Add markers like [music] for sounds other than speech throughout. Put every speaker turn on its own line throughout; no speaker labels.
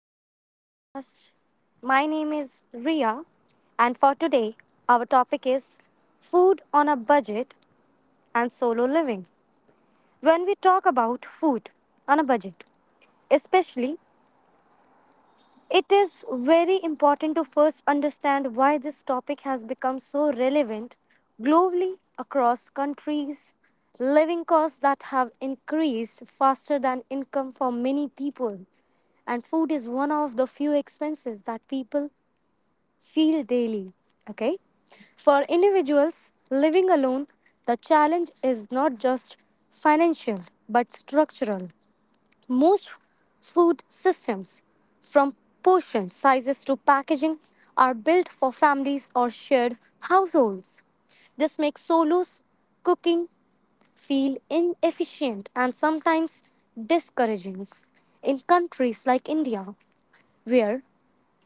to our podcast. My name is Ria, and for today, our topic is food on a budget and solo living. When we talk about food on a budget, especially It is very important to first understand why this topic has become so relevant globally across countries. Living costs that have increased faster than income for many people, and food is one of the few expenses that people feel daily. Okay, for individuals living alone, the challenge is not just financial but structural. Most food systems, from portion sizes to packaging, are built for families or shared households. This makes solos cooking feel inefficient and sometimes discouraging. In countries like India, where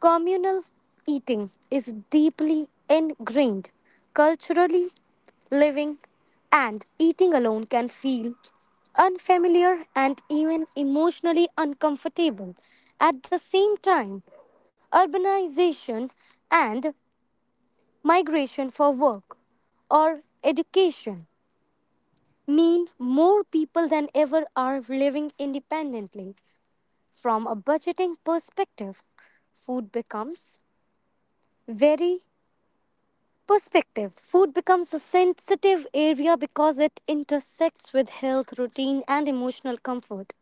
Communal eating is deeply ingrained culturally. Living and eating alone can feel unfamiliar and even emotionally uncomfortable. At the same time, urbanization and migration for work or education mean more people than ever are living independently. From a budgeting perspective, food becomes very Perspective Food becomes a sensitive area because it intersects with health, routine, and emotional comfort.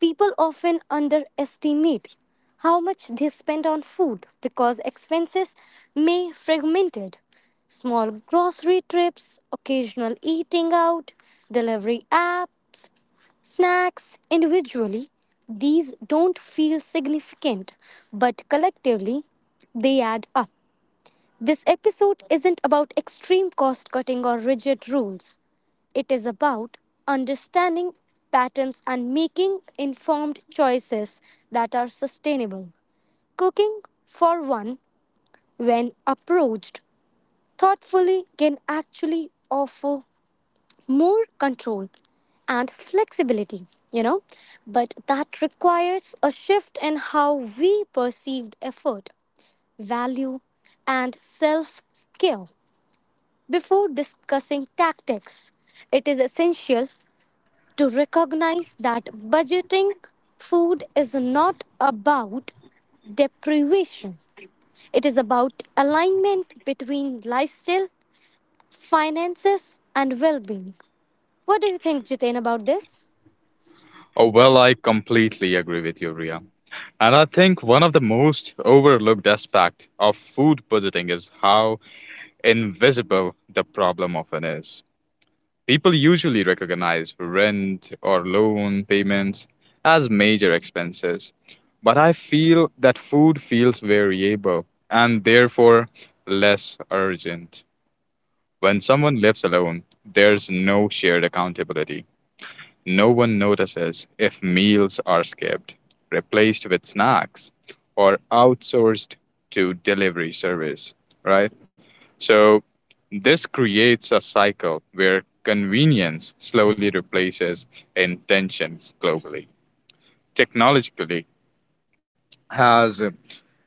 People often underestimate how much they spend on food because expenses may fragmented. Small grocery trips, occasional eating out, delivery apps, snacks individually, these don't feel significant, but collectively, they add up. This episode isn't about extreme cost cutting or rigid rules. It is about understanding patterns and making informed choices that are sustainable. Cooking, for one, when approached thoughtfully, can actually offer more control and flexibility, but that requires a shift in how we perceived effort, value, and self care. Before discussing tactics, it is essential to recognize that budgeting food is not about deprivation. It is about alignment between lifestyle, finances, and well being. What do you think, Jiten, about this?
Oh, well, I completely agree with you, Ria. And I think one of the most overlooked aspect of food budgeting is how invisible the problem often is. People usually recognize rent or loan payments as major expenses, but I feel that food feels variable and therefore less urgent. When someone lives alone, there's no shared accountability no one notices if meals are skipped, replaced with snacks, or outsourced to delivery service, right? So this creates a cycle where convenience slowly replaces intentions globally. Technologically has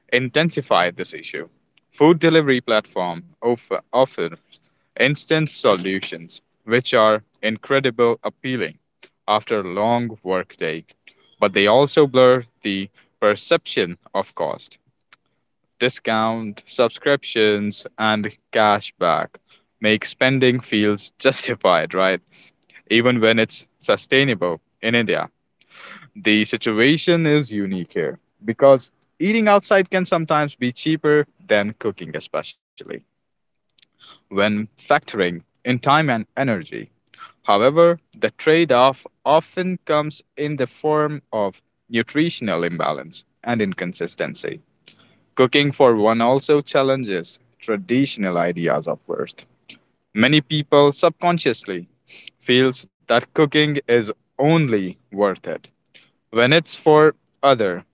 intensified this issue. Food delivery platform offers instant solutions which are incredibly appealing after a long workday, but they also blur the perception of cost. Discount, subscriptions, and cashback make spending feels [laughs] justified, right? Even when it's sustainable in India. The situation is unique here because eating outside can sometimes be cheaper than cooking, especially when factoring in time and energy. However, the trade off often comes in the form of nutritional imbalance and inconsistency. Cooking for one also challenges traditional ideas of worth. Many people subconsciously feels that cooking is only worth it when it's for other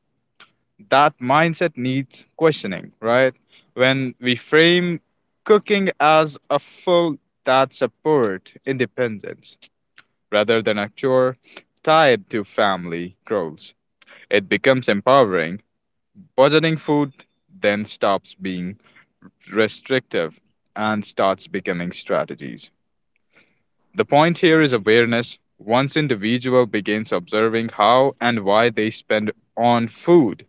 that mindset needs questioning, right? When we frame cooking as a food that supports independence rather than a chore tied to family roles, it becomes empowering. Budgeting food then stops being restrictive and starts becoming strategies. The point here is awareness. Once individual begins observing how and why they spend on food,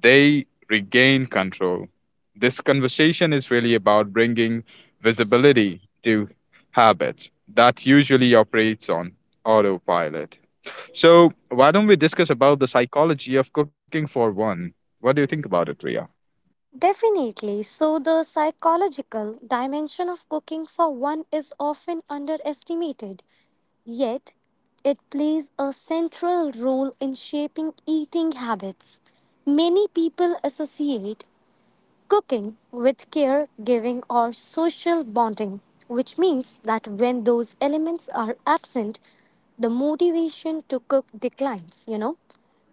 they regain control. This conversation is really about bringing visibility to habits that usually operates on autopilot. So, why don't we discuss about the psychology of cooking for one? What do you think about it, Ria?
Definitely. So, the psychological dimension of cooking for one is often underestimated. Yet, it plays a central role in shaping eating habits. Many people associate cooking with care, giving, or social bonding, which means that when those elements are absent, the motivation to cook declines.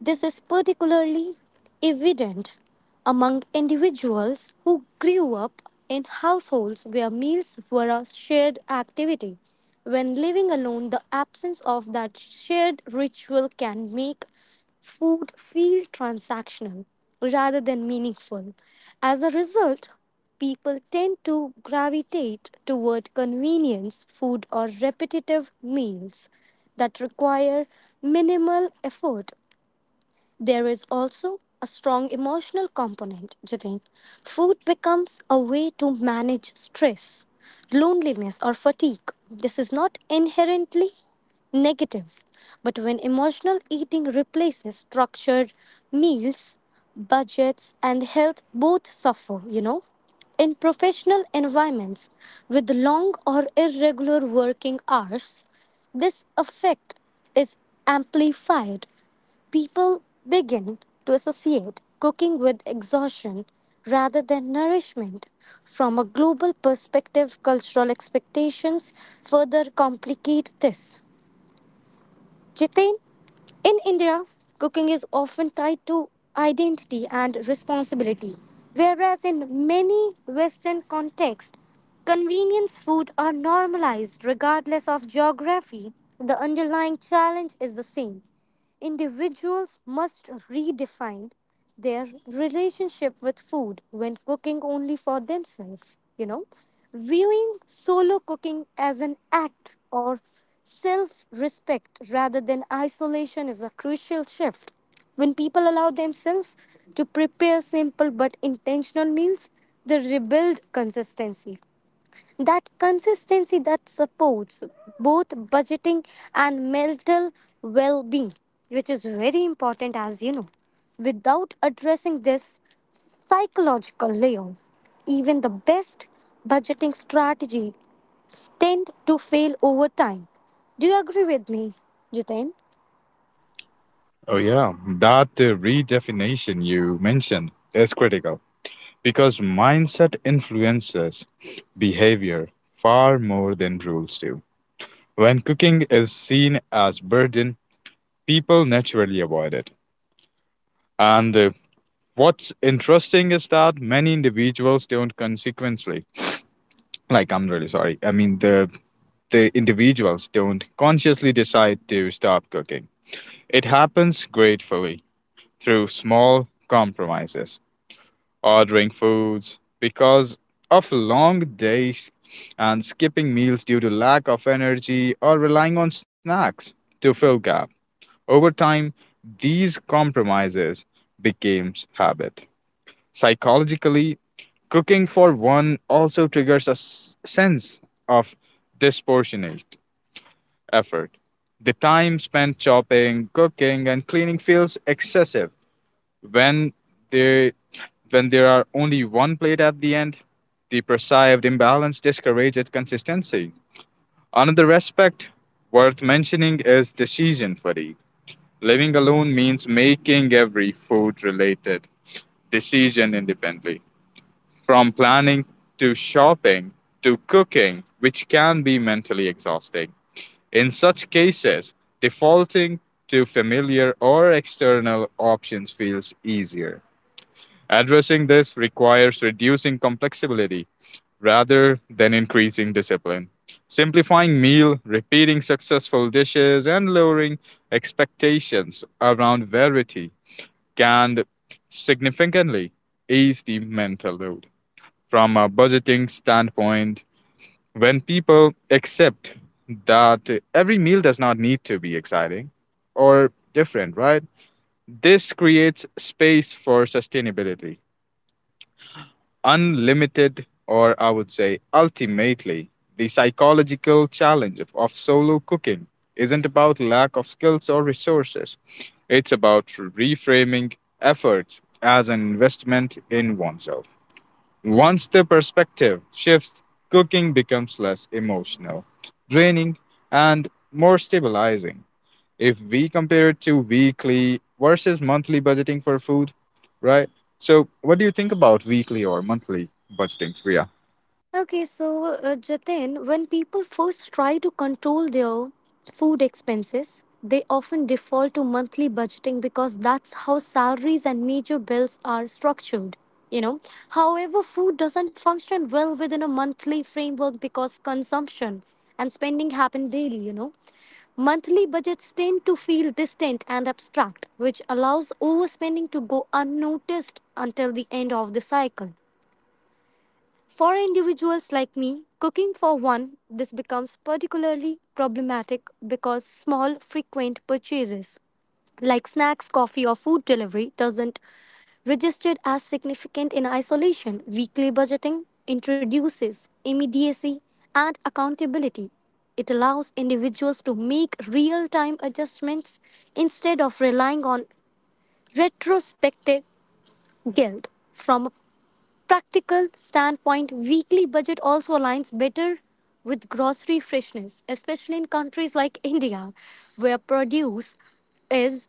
This is particularly evident among individuals who grew up in households where meals were a shared activity. When living alone, the absence of that shared ritual can make food feel transactional rather than meaningful. As a result, people tend to gravitate toward convenience food or repetitive meals that require minimal effort there is also a strong emotional component, Jitin. Food becomes a way to manage stress, loneliness, or fatigue. This is not inherently negative, but when emotional eating replaces structured meals, budgets, and health both suffer. In professional environments with long or irregular working hours, this effect is amplified People begin to associate cooking with exhaustion rather than nourishment. From a global perspective, cultural expectations further complicate this. Jitain, in India, cooking is often tied to identity and responsibility, whereas in many Western contexts, convenience food are normalized regardless of geography. The underlying challenge is the same Individuals must redefine their relationship with food when cooking only for themselves. Viewing solo cooking as an act or self respect rather than isolation is a crucial shift. When people allow themselves to prepare simple but intentional meals, they rebuild consistency that supports both budgeting and mental well-being which is very important as you know without addressing this psychological layer even the best budgeting strategy tend to fail over time do you agree with me jitain
Oh, yeah, that redefinition you mentioned is critical because mindset influences behavior far more than rules do. When cooking is seen as burden people naturally avoid it. And What's interesting is that many individuals don't consequently, like I'm really sorry, I mean the individuals don't consciously decide to stop cooking. It happens gratefully through small compromises, ordering foods because of long days and skipping meals due to lack of energy or relying on snacks to fill gaps. Over time, these compromises became habit. Psychologically, cooking for one also triggers a sense of disproportionate effort. The time spent chopping, cooking, and cleaning feels excessive when there when there are only one plate at the end. The perceived imbalance discourages consistency. Another aspect worth mentioning is decision fatigue Living alone means making every food related decision independently, from planning to shopping to cooking, which can be mentally exhausting. In such cases, defaulting to familiar or external options feels easier. Addressing this requires reducing complexity rather than increasing discipline. Simplifying meal, repeating successful dishes, and lowering expectations around variety can significantly ease the mental load. From a budgeting standpoint, when people accept that every meal does not need to be exciting or different, right? This creates space for sustainability unlimited, or I would say ultimately, the psychological challenge of solo cooking isn't about lack of skills or resources. It's about reframing efforts as an investment in oneself. Once the perspective shifts, cooking becomes less emotional, draining, and more stabilizing if we compare it to weekly versus monthly budgeting for food, right? So, what do you think about weekly or monthly budgeting, Priya?
Okay, so Jatin, when people first try to control their food expenses, they often default to monthly budgeting because that's how salaries and major bills are structured. You know, however, food doesn't function well within a monthly framework because consumption and spending happen daily. You know, monthly budgets tend to feel distant and abstract, which allows overspending to go unnoticed until the end of the cycle. For individuals like me, cooking for one, this becomes particularly problematic because small, frequent purchases like snacks, coffee, or food delivery doesn't registered as significant in isolation. Weekly budgeting introduces immediacy and accountability. It allows individuals to make real time adjustments instead of relying on retrospective guilt from a practical standpoint, weekly budget also aligns better with grocery freshness, especially in countries like [laughs] India, where produce is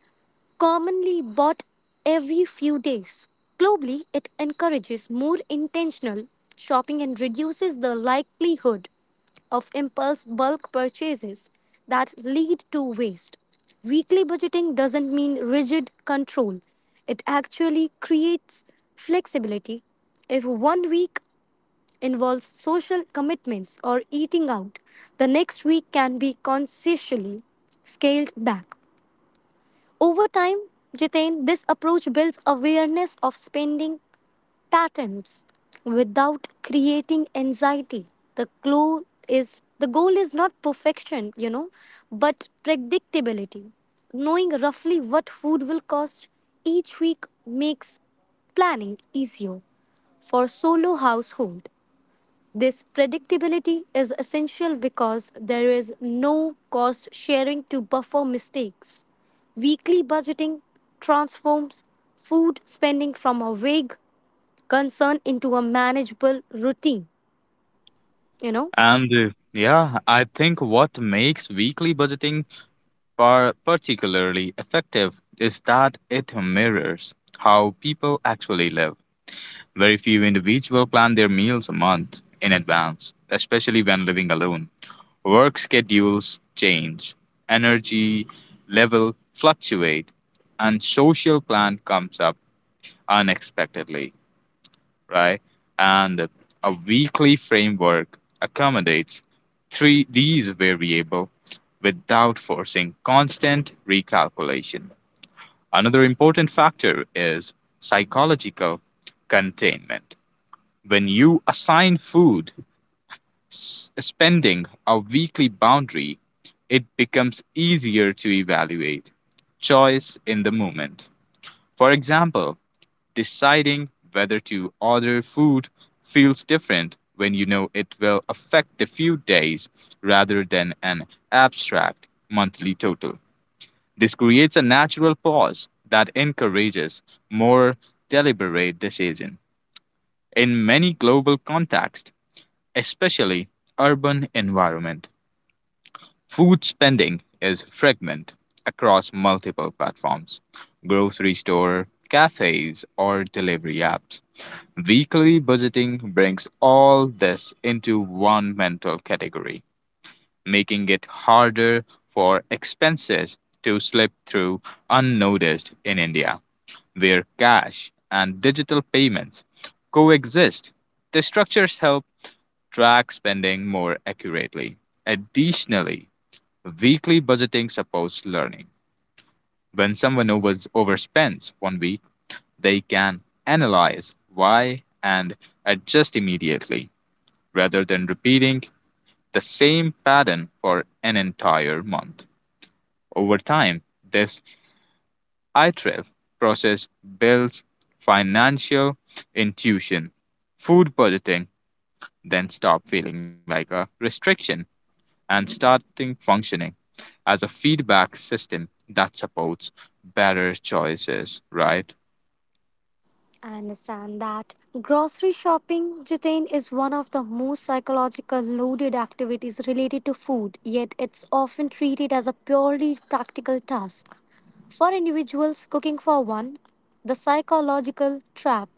commonly bought every few days. Globally, it encourages more intentional shopping and reduces the likelihood of impulse bulk purchases that lead to waste. Weekly budgeting doesn't mean rigid control, it actually creates flexibility. If one week involves social commitments or eating out, the next week can be consciously scaled back. Over time, Jitain, this approach builds awareness of spending patterns without creating anxiety. The clue is the goal is not perfection, but predictability. Knowing roughly what food will cost each week makes planning easier for solo household. This predictability is essential because there is no cost sharing to buffer mistakes. Weekly budgeting transforms food spending from a vague concern into a manageable routine, you know.
And Yeah, I think what makes weekly budgeting particularly effective is that it mirrors how people actually live. Very few individuals plan their meals a month in advance, especially when living alone. Work schedules change, energy level fluctuate, and social plan comes up unexpectedly, right? And a weekly framework accommodates three these variable without forcing constant recalculation. Another important factor is psychological containment. When you assign food spending a weekly boundary, it becomes easier to evaluate choice in the moment. For example, deciding whether to order food feels different when you know it will affect a few days rather than an abstract monthly total. This creates a natural pause that encourages more deliberate decision. In many global contexts, especially urban environment, food spending is fragmented across multiple platforms grocery store, cafes, or delivery apps. Weekly budgeting brings all this into one mental category, making it harder for expenses to slip through unnoticed in India, where cash and digital payments coexist. The structures help track spending more accurately. Additionally, weekly budgeting supports learning. When someone overspends one week, they can analyze why and adjust immediately rather than repeating the same pattern for an entire month. Over time, this iterative process builds financial intuition. Food budgeting then stop feeling like a restriction and starting functioning as a feedback system that supports better choices, right?
I understand that grocery shopping, Jitain, is one of the most psychological loaded activities related to food, yet it's often treated as a purely practical task. For individuals cooking for one, the psychological trap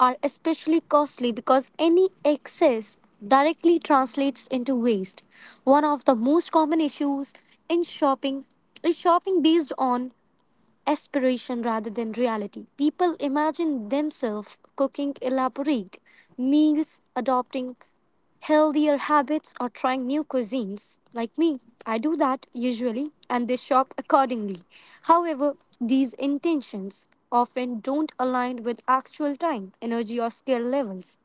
are especially costly because any excess directly translates into waste. One of the most common issues in shopping is shopping based on aspiration rather than reality. People imagine themselves cooking elaborate meals, adopting healthier habits, or trying new cuisines. Like me, I do that usually, and they shop accordingly. However, these intentions often don't align with actual time, energy, or skill levels.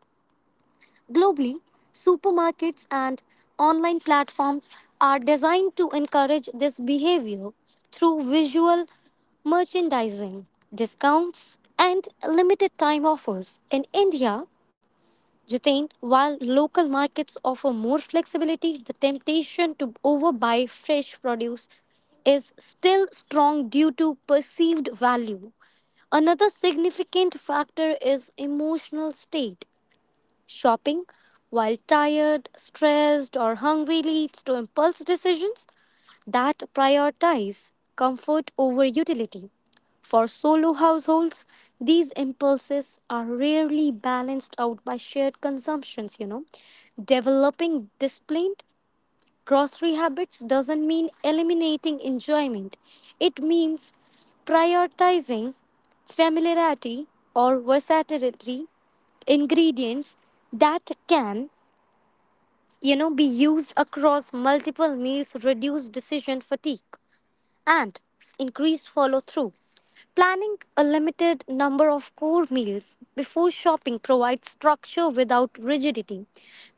Globally, supermarkets and online platforms are designed to encourage this behavior through visual merchandising, discounts, and limited time offers. In India, Jitain, while local markets offer more flexibility, the temptation to overbuy fresh produce is still strong due to perceived value. Another significant factor is emotional state. Shopping, while tired, stressed, or hungry, leads to impulse decisions that prioritize comfort over utility. For solo households, these impulses are rarely balanced out by shared consumptions. Developing discipline Grocery habits doesn't mean eliminating enjoyment. It means prioritizing familiarity or versatility ingredients that can be used across multiple meals reduce decision fatigue and increased follow through. Planning a limited number of core meals before shopping provides structure without rigidity.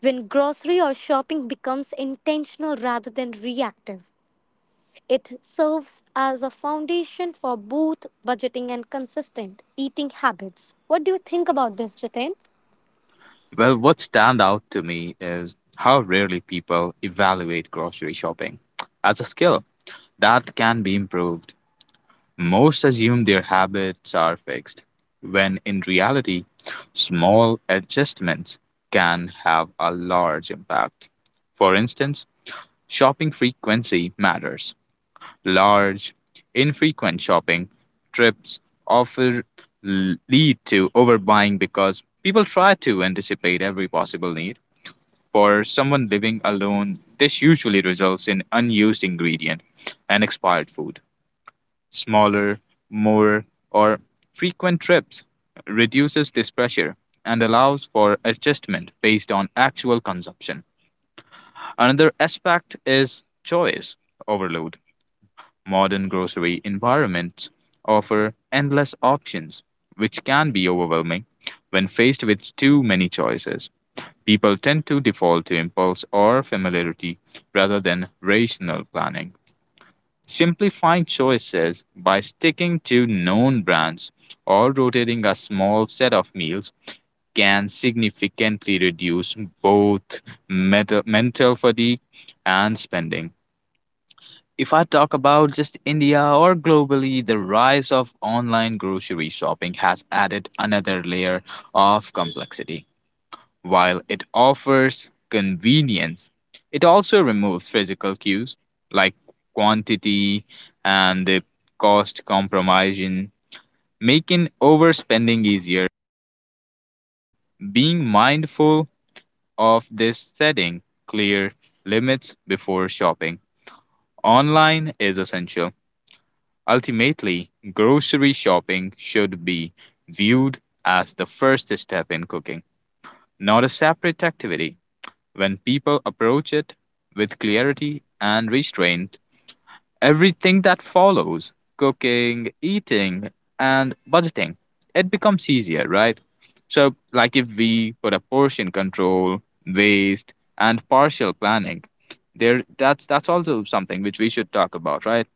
When grocery or shopping becomes intentional rather than reactive, it serves as a foundation for both budgeting and consistent eating habits. What do you think about this, Jitin?
Well, what stand out to me is how rarely people evaluate grocery shopping as a skill that can be improved. Most assume their habits are fixed, when in reality, small adjustments can have a large impact. For instance, shopping frequency matters large, infrequent shopping trips often lead to overbuying because people try to anticipate every possible need. For someone living alone, this usually results in unused ingredient and expired food. Smaller, more, or frequent trips reduces this pressure and allows for adjustment based on actual consumption. Another aspect is choice overload. Modern grocery environments offer endless options, which can be overwhelming when faced with too many choices. People tend to default to impulse or familiarity rather than rational planning. Simplifying choices by sticking to known brands or rotating a small set of meals can significantly reduce both mental fatigue and spending if I talk about just India or globally, the rise of online grocery shopping has added another layer of complexity. While it offers convenience, it also removes physical cues like quantity and the cost compromising, making overspending easier. Being mindful of this setting clear limits before shopping online is essential. Ultimately, grocery shopping should be viewed as the first step in cooking, not a separate activity. When people approach it with clarity and restraint, everything that follows cooking, eating, and budgeting it becomes easier, right? So, like if we put a portion control, waste, and partial planning, there that's also something which we should talk about, right?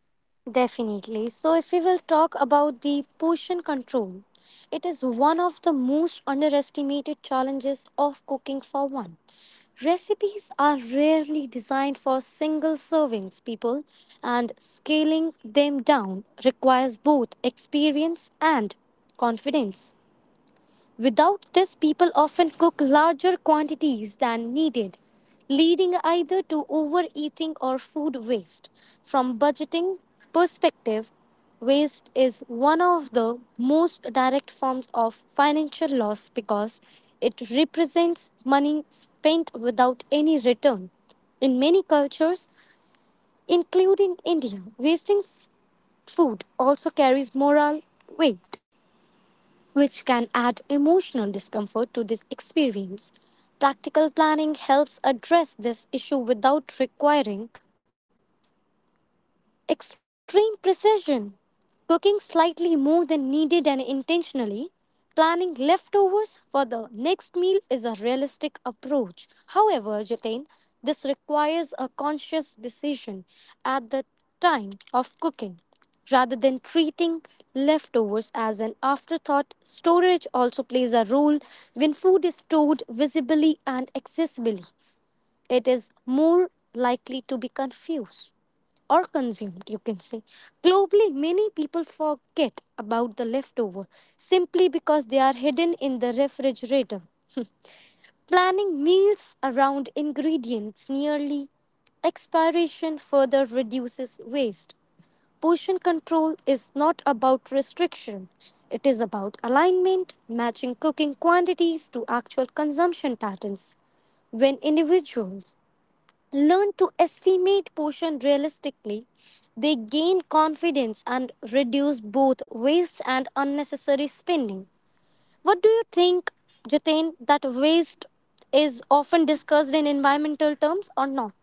Definitely. So, if we will talk about the portion control, it is one of the most underestimated challenges of cooking for one. Recipes are rarely designed for single servings, people, and scaling them down requires both experience and confidence. Without this, people often cook larger quantities than needed, leading either to overeating or food waste. From budgeting perspective, waste is one of the most direct forms of financial loss because it represents money spent without any return. In many cultures, including India, wasting food also carries moral weight which can add emotional discomfort to this experience. Practical planning helps address this issue without requiring Extreme precision. Cooking slightly more than needed and intentionally. Planning leftovers for the next meal is a realistic approach. However, Jatin, this requires a conscious decision at the time of cooking. Rather than treating leftovers as an afterthought, storage also plays a role when food is stored visibly and accessibly. It is more likely to be confused or consumed, you can say. Globally, many people forget about the leftover simply because they are hidden in the refrigerator. Planning meals around ingredients nearly expiration further reduces waste. Portion control is not about restriction, it is about alignment, matching cooking quantities to actual consumption patterns. When individuals learn to estimate portion realistically, they gain confidence and reduce both waste and unnecessary spending. What do you think, Jatin, that waste is often discussed in environmental terms or not?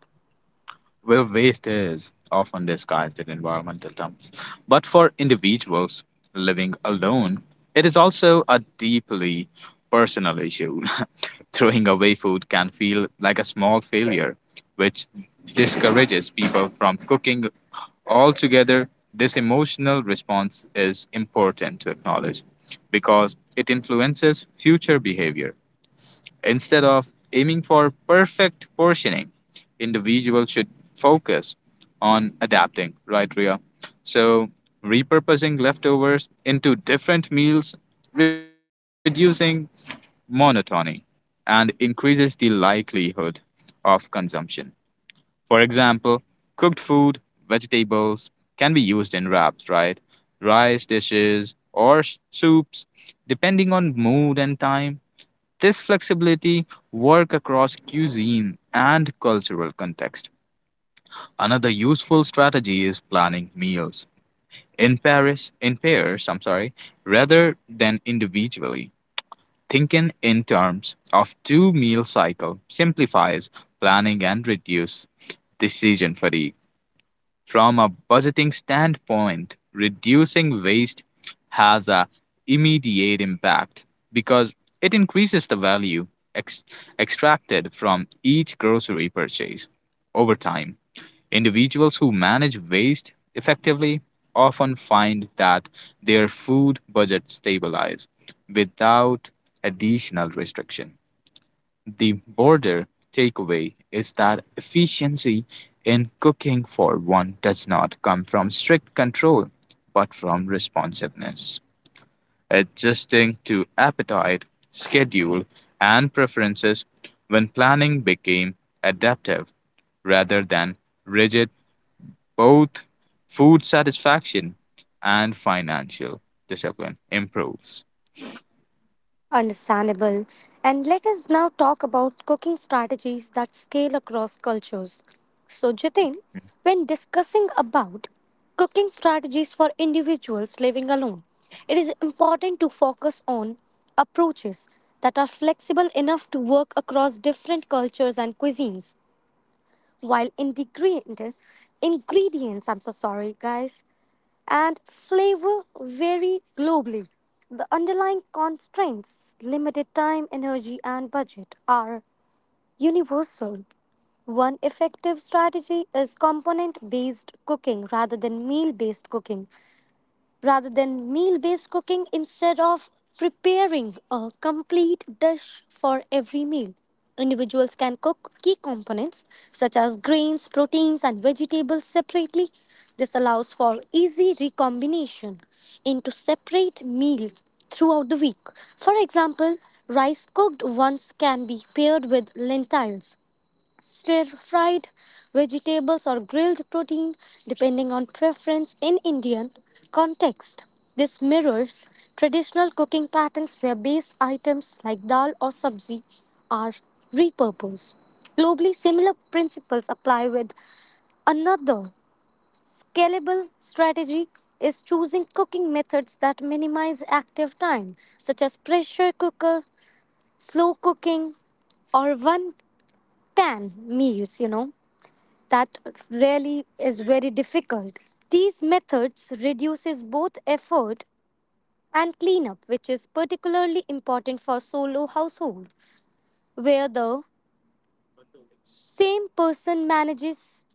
Where waste is often disguised in environmental terms. But for individuals living alone, it is also a deeply personal issue. [laughs] Throwing away food can feel like a small failure, which discourages people from cooking altogether. This emotional response is important to acknowledge because it influences future behavior. Instead of aiming for perfect portioning, individuals should focus on adapting, right, Ria? So, repurposing leftovers into different meals, reducing monotony, and increases the likelihood of consumption. For example, cooked food, vegetables can be used in wraps, right? Rice dishes or soups, depending on mood and time. This flexibility work across cuisine and cultural context. Another useful strategy is planning meals in pairs, rather than individually. Thinking in terms of two meal cycle simplifies planning and reduces decision fatigue. From a budgeting standpoint, reducing waste has an immediate impact because it increases the value ex- extracted from each grocery purchase over time. Individuals who manage waste effectively often find that their food budget stabilizes without additional restriction. The broader takeaway is that efficiency in cooking for one does not come from strict control, but from responsiveness, adjusting to appetite, schedule, and preferences when planning became adaptive rather than rigid, both food satisfaction and financial discipline improves.
Understandable. And let us now talk about cooking strategies that scale across cultures. So, Jitin, when discussing about cooking strategies for individuals living alone, it is important to focus on approaches that are flexible enough to work across different cultures and cuisines while ingredients, I'm so sorry, guys, and flavor vary globally. The underlying constraints, limited time, energy, and budget, are universal. One effective strategy is component based cooking rather than meal based cooking, instead of preparing a complete dish for every meal. Individuals can cook key components such as grains, proteins, and vegetables separately. This allows for easy recombination into separate meals throughout the week. For example, rice cooked once can be paired with lentils, stir fried vegetables or grilled protein depending on preference in Indian context. This mirrors traditional cooking patterns where base items like dal or sabzi are repurposed. Globally, similar principles apply with another scalable strategy is choosing cooking methods that minimize active time, such as pressure cooker, slow cooking, or one pan meals, you know that really is very difficult. These methods reduces both effort and cleanup, which is particularly important for solo households, where the same person manages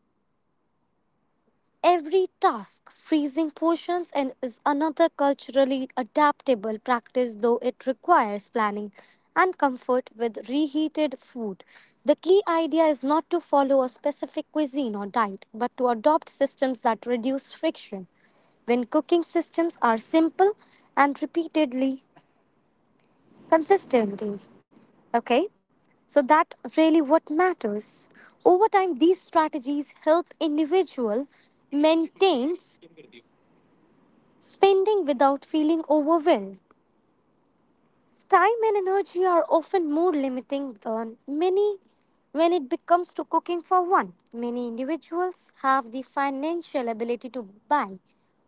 every task. Freezing portions, and is another culturally adaptable practice, though it requires planning and comfort with reheated food. The key idea is not to follow a specific cuisine or diet, but to adopt systems that reduce friction. When cooking systems are simple and repeatedly consistently, okay? So that really what matters. Over time, these strategies help individual maintain spending without feeling overwhelmed. Time and energy are often more limiting than many when it becomes to cooking for one. Many individuals have the financial ability to buy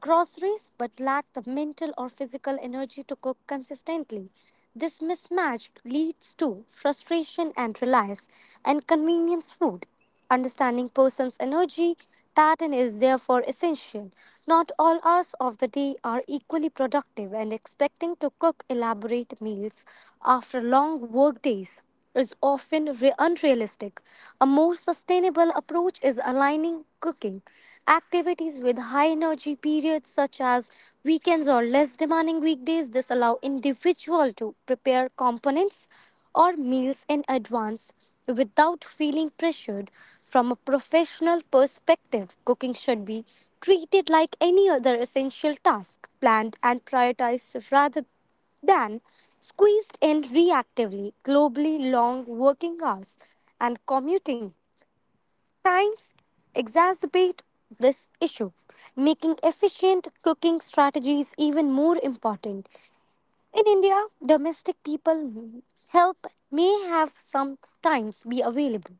groceries but lack the mental or physical energy to cook consistently. This mismatch leads to frustration and reliance and convenience food. Understanding person's energy pattern is therefore essential. Not all hours of the day are equally productive, and expecting to cook elaborate meals after long work days is often unrealistic. A more sustainable approach is aligning cooking activities with high energy periods, such as weekends or less demanding weekdays. This allow individual to prepare components or meals in advance without feeling pressured. From a professional perspective, cooking should be treated like any other essential task, planned and prioritized rather then, squeezed in reactively. Globally, long working hours and commuting times exacerbate this issue, making efficient cooking strategies even more important. In India, domestic people help may have sometimes be available,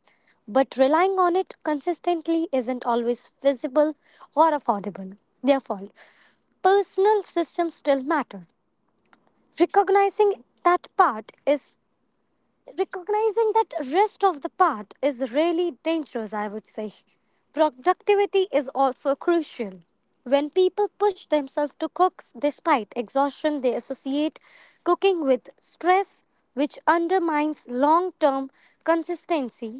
but relying on it consistently isn't always feasible or affordable. Therefore, personal systems still matter. recognizing that part is Recognizing that rest of the part is really dangerous, I would say. Productivity is also crucial. When people push themselves to cook despite exhaustion, they associate cooking with stress, which undermines long-term consistency.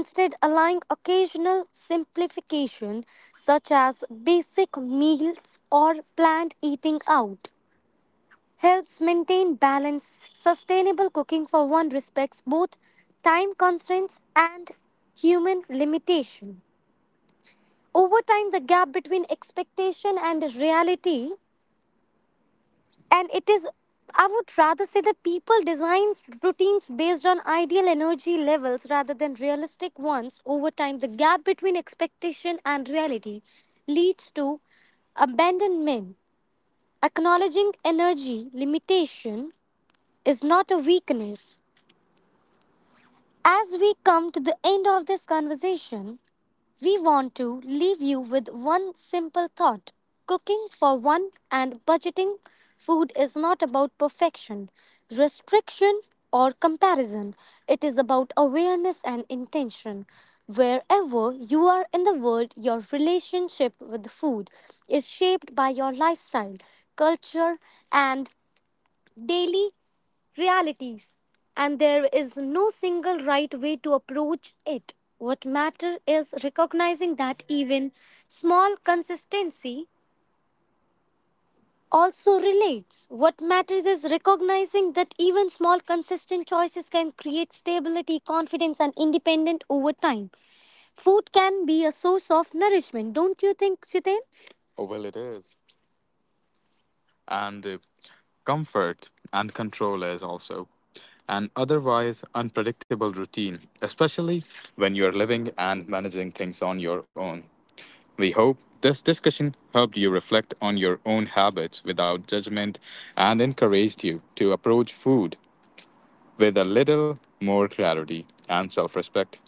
Instead, allowing occasional simplification such as basic meals or planned eating out helps maintain balance. Sustainable cooking, for one, respects both time constraints and human limitation. Over time, the gap between expectation and reality, and it is, I would rather say that people design routines based on ideal energy levels rather than realistic ones. Over time, the gap between expectation and reality leads to abandonment. Acknowledging energy limitation is not a weakness. As we come to the end of this conversation, we want to leave you with one simple thought. Cooking for one and budgeting food is not about perfection, restriction, or comparison. It is about awareness and intention. Wherever you are in the world, your relationship with food is shaped by your lifestyle, culture, and daily realities, and there is no single right way to approach it. What matters is recognizing that even small consistency also relates. What matters is recognizing that even small consistent choices can create stability, confidence, and independence over time. Food can be a source of nourishment, don't you think, Chitin? Oh, well, it is. And Comfort and control is also an otherwise unpredictable routine, especially when you are living and managing things on your own. We hope this discussion helped you reflect on your own habits without judgment and encouraged you to approach food with a little more clarity and self respect.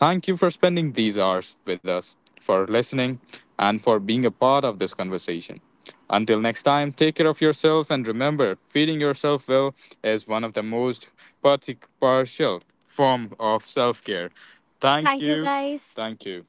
Thank you for spending these hours with us, for listening, and for being a part of this conversation. Until next time, take care of yourself and remember, feeding yourself well is one of the most partial form of self-care. Thank you, guys. Thank you.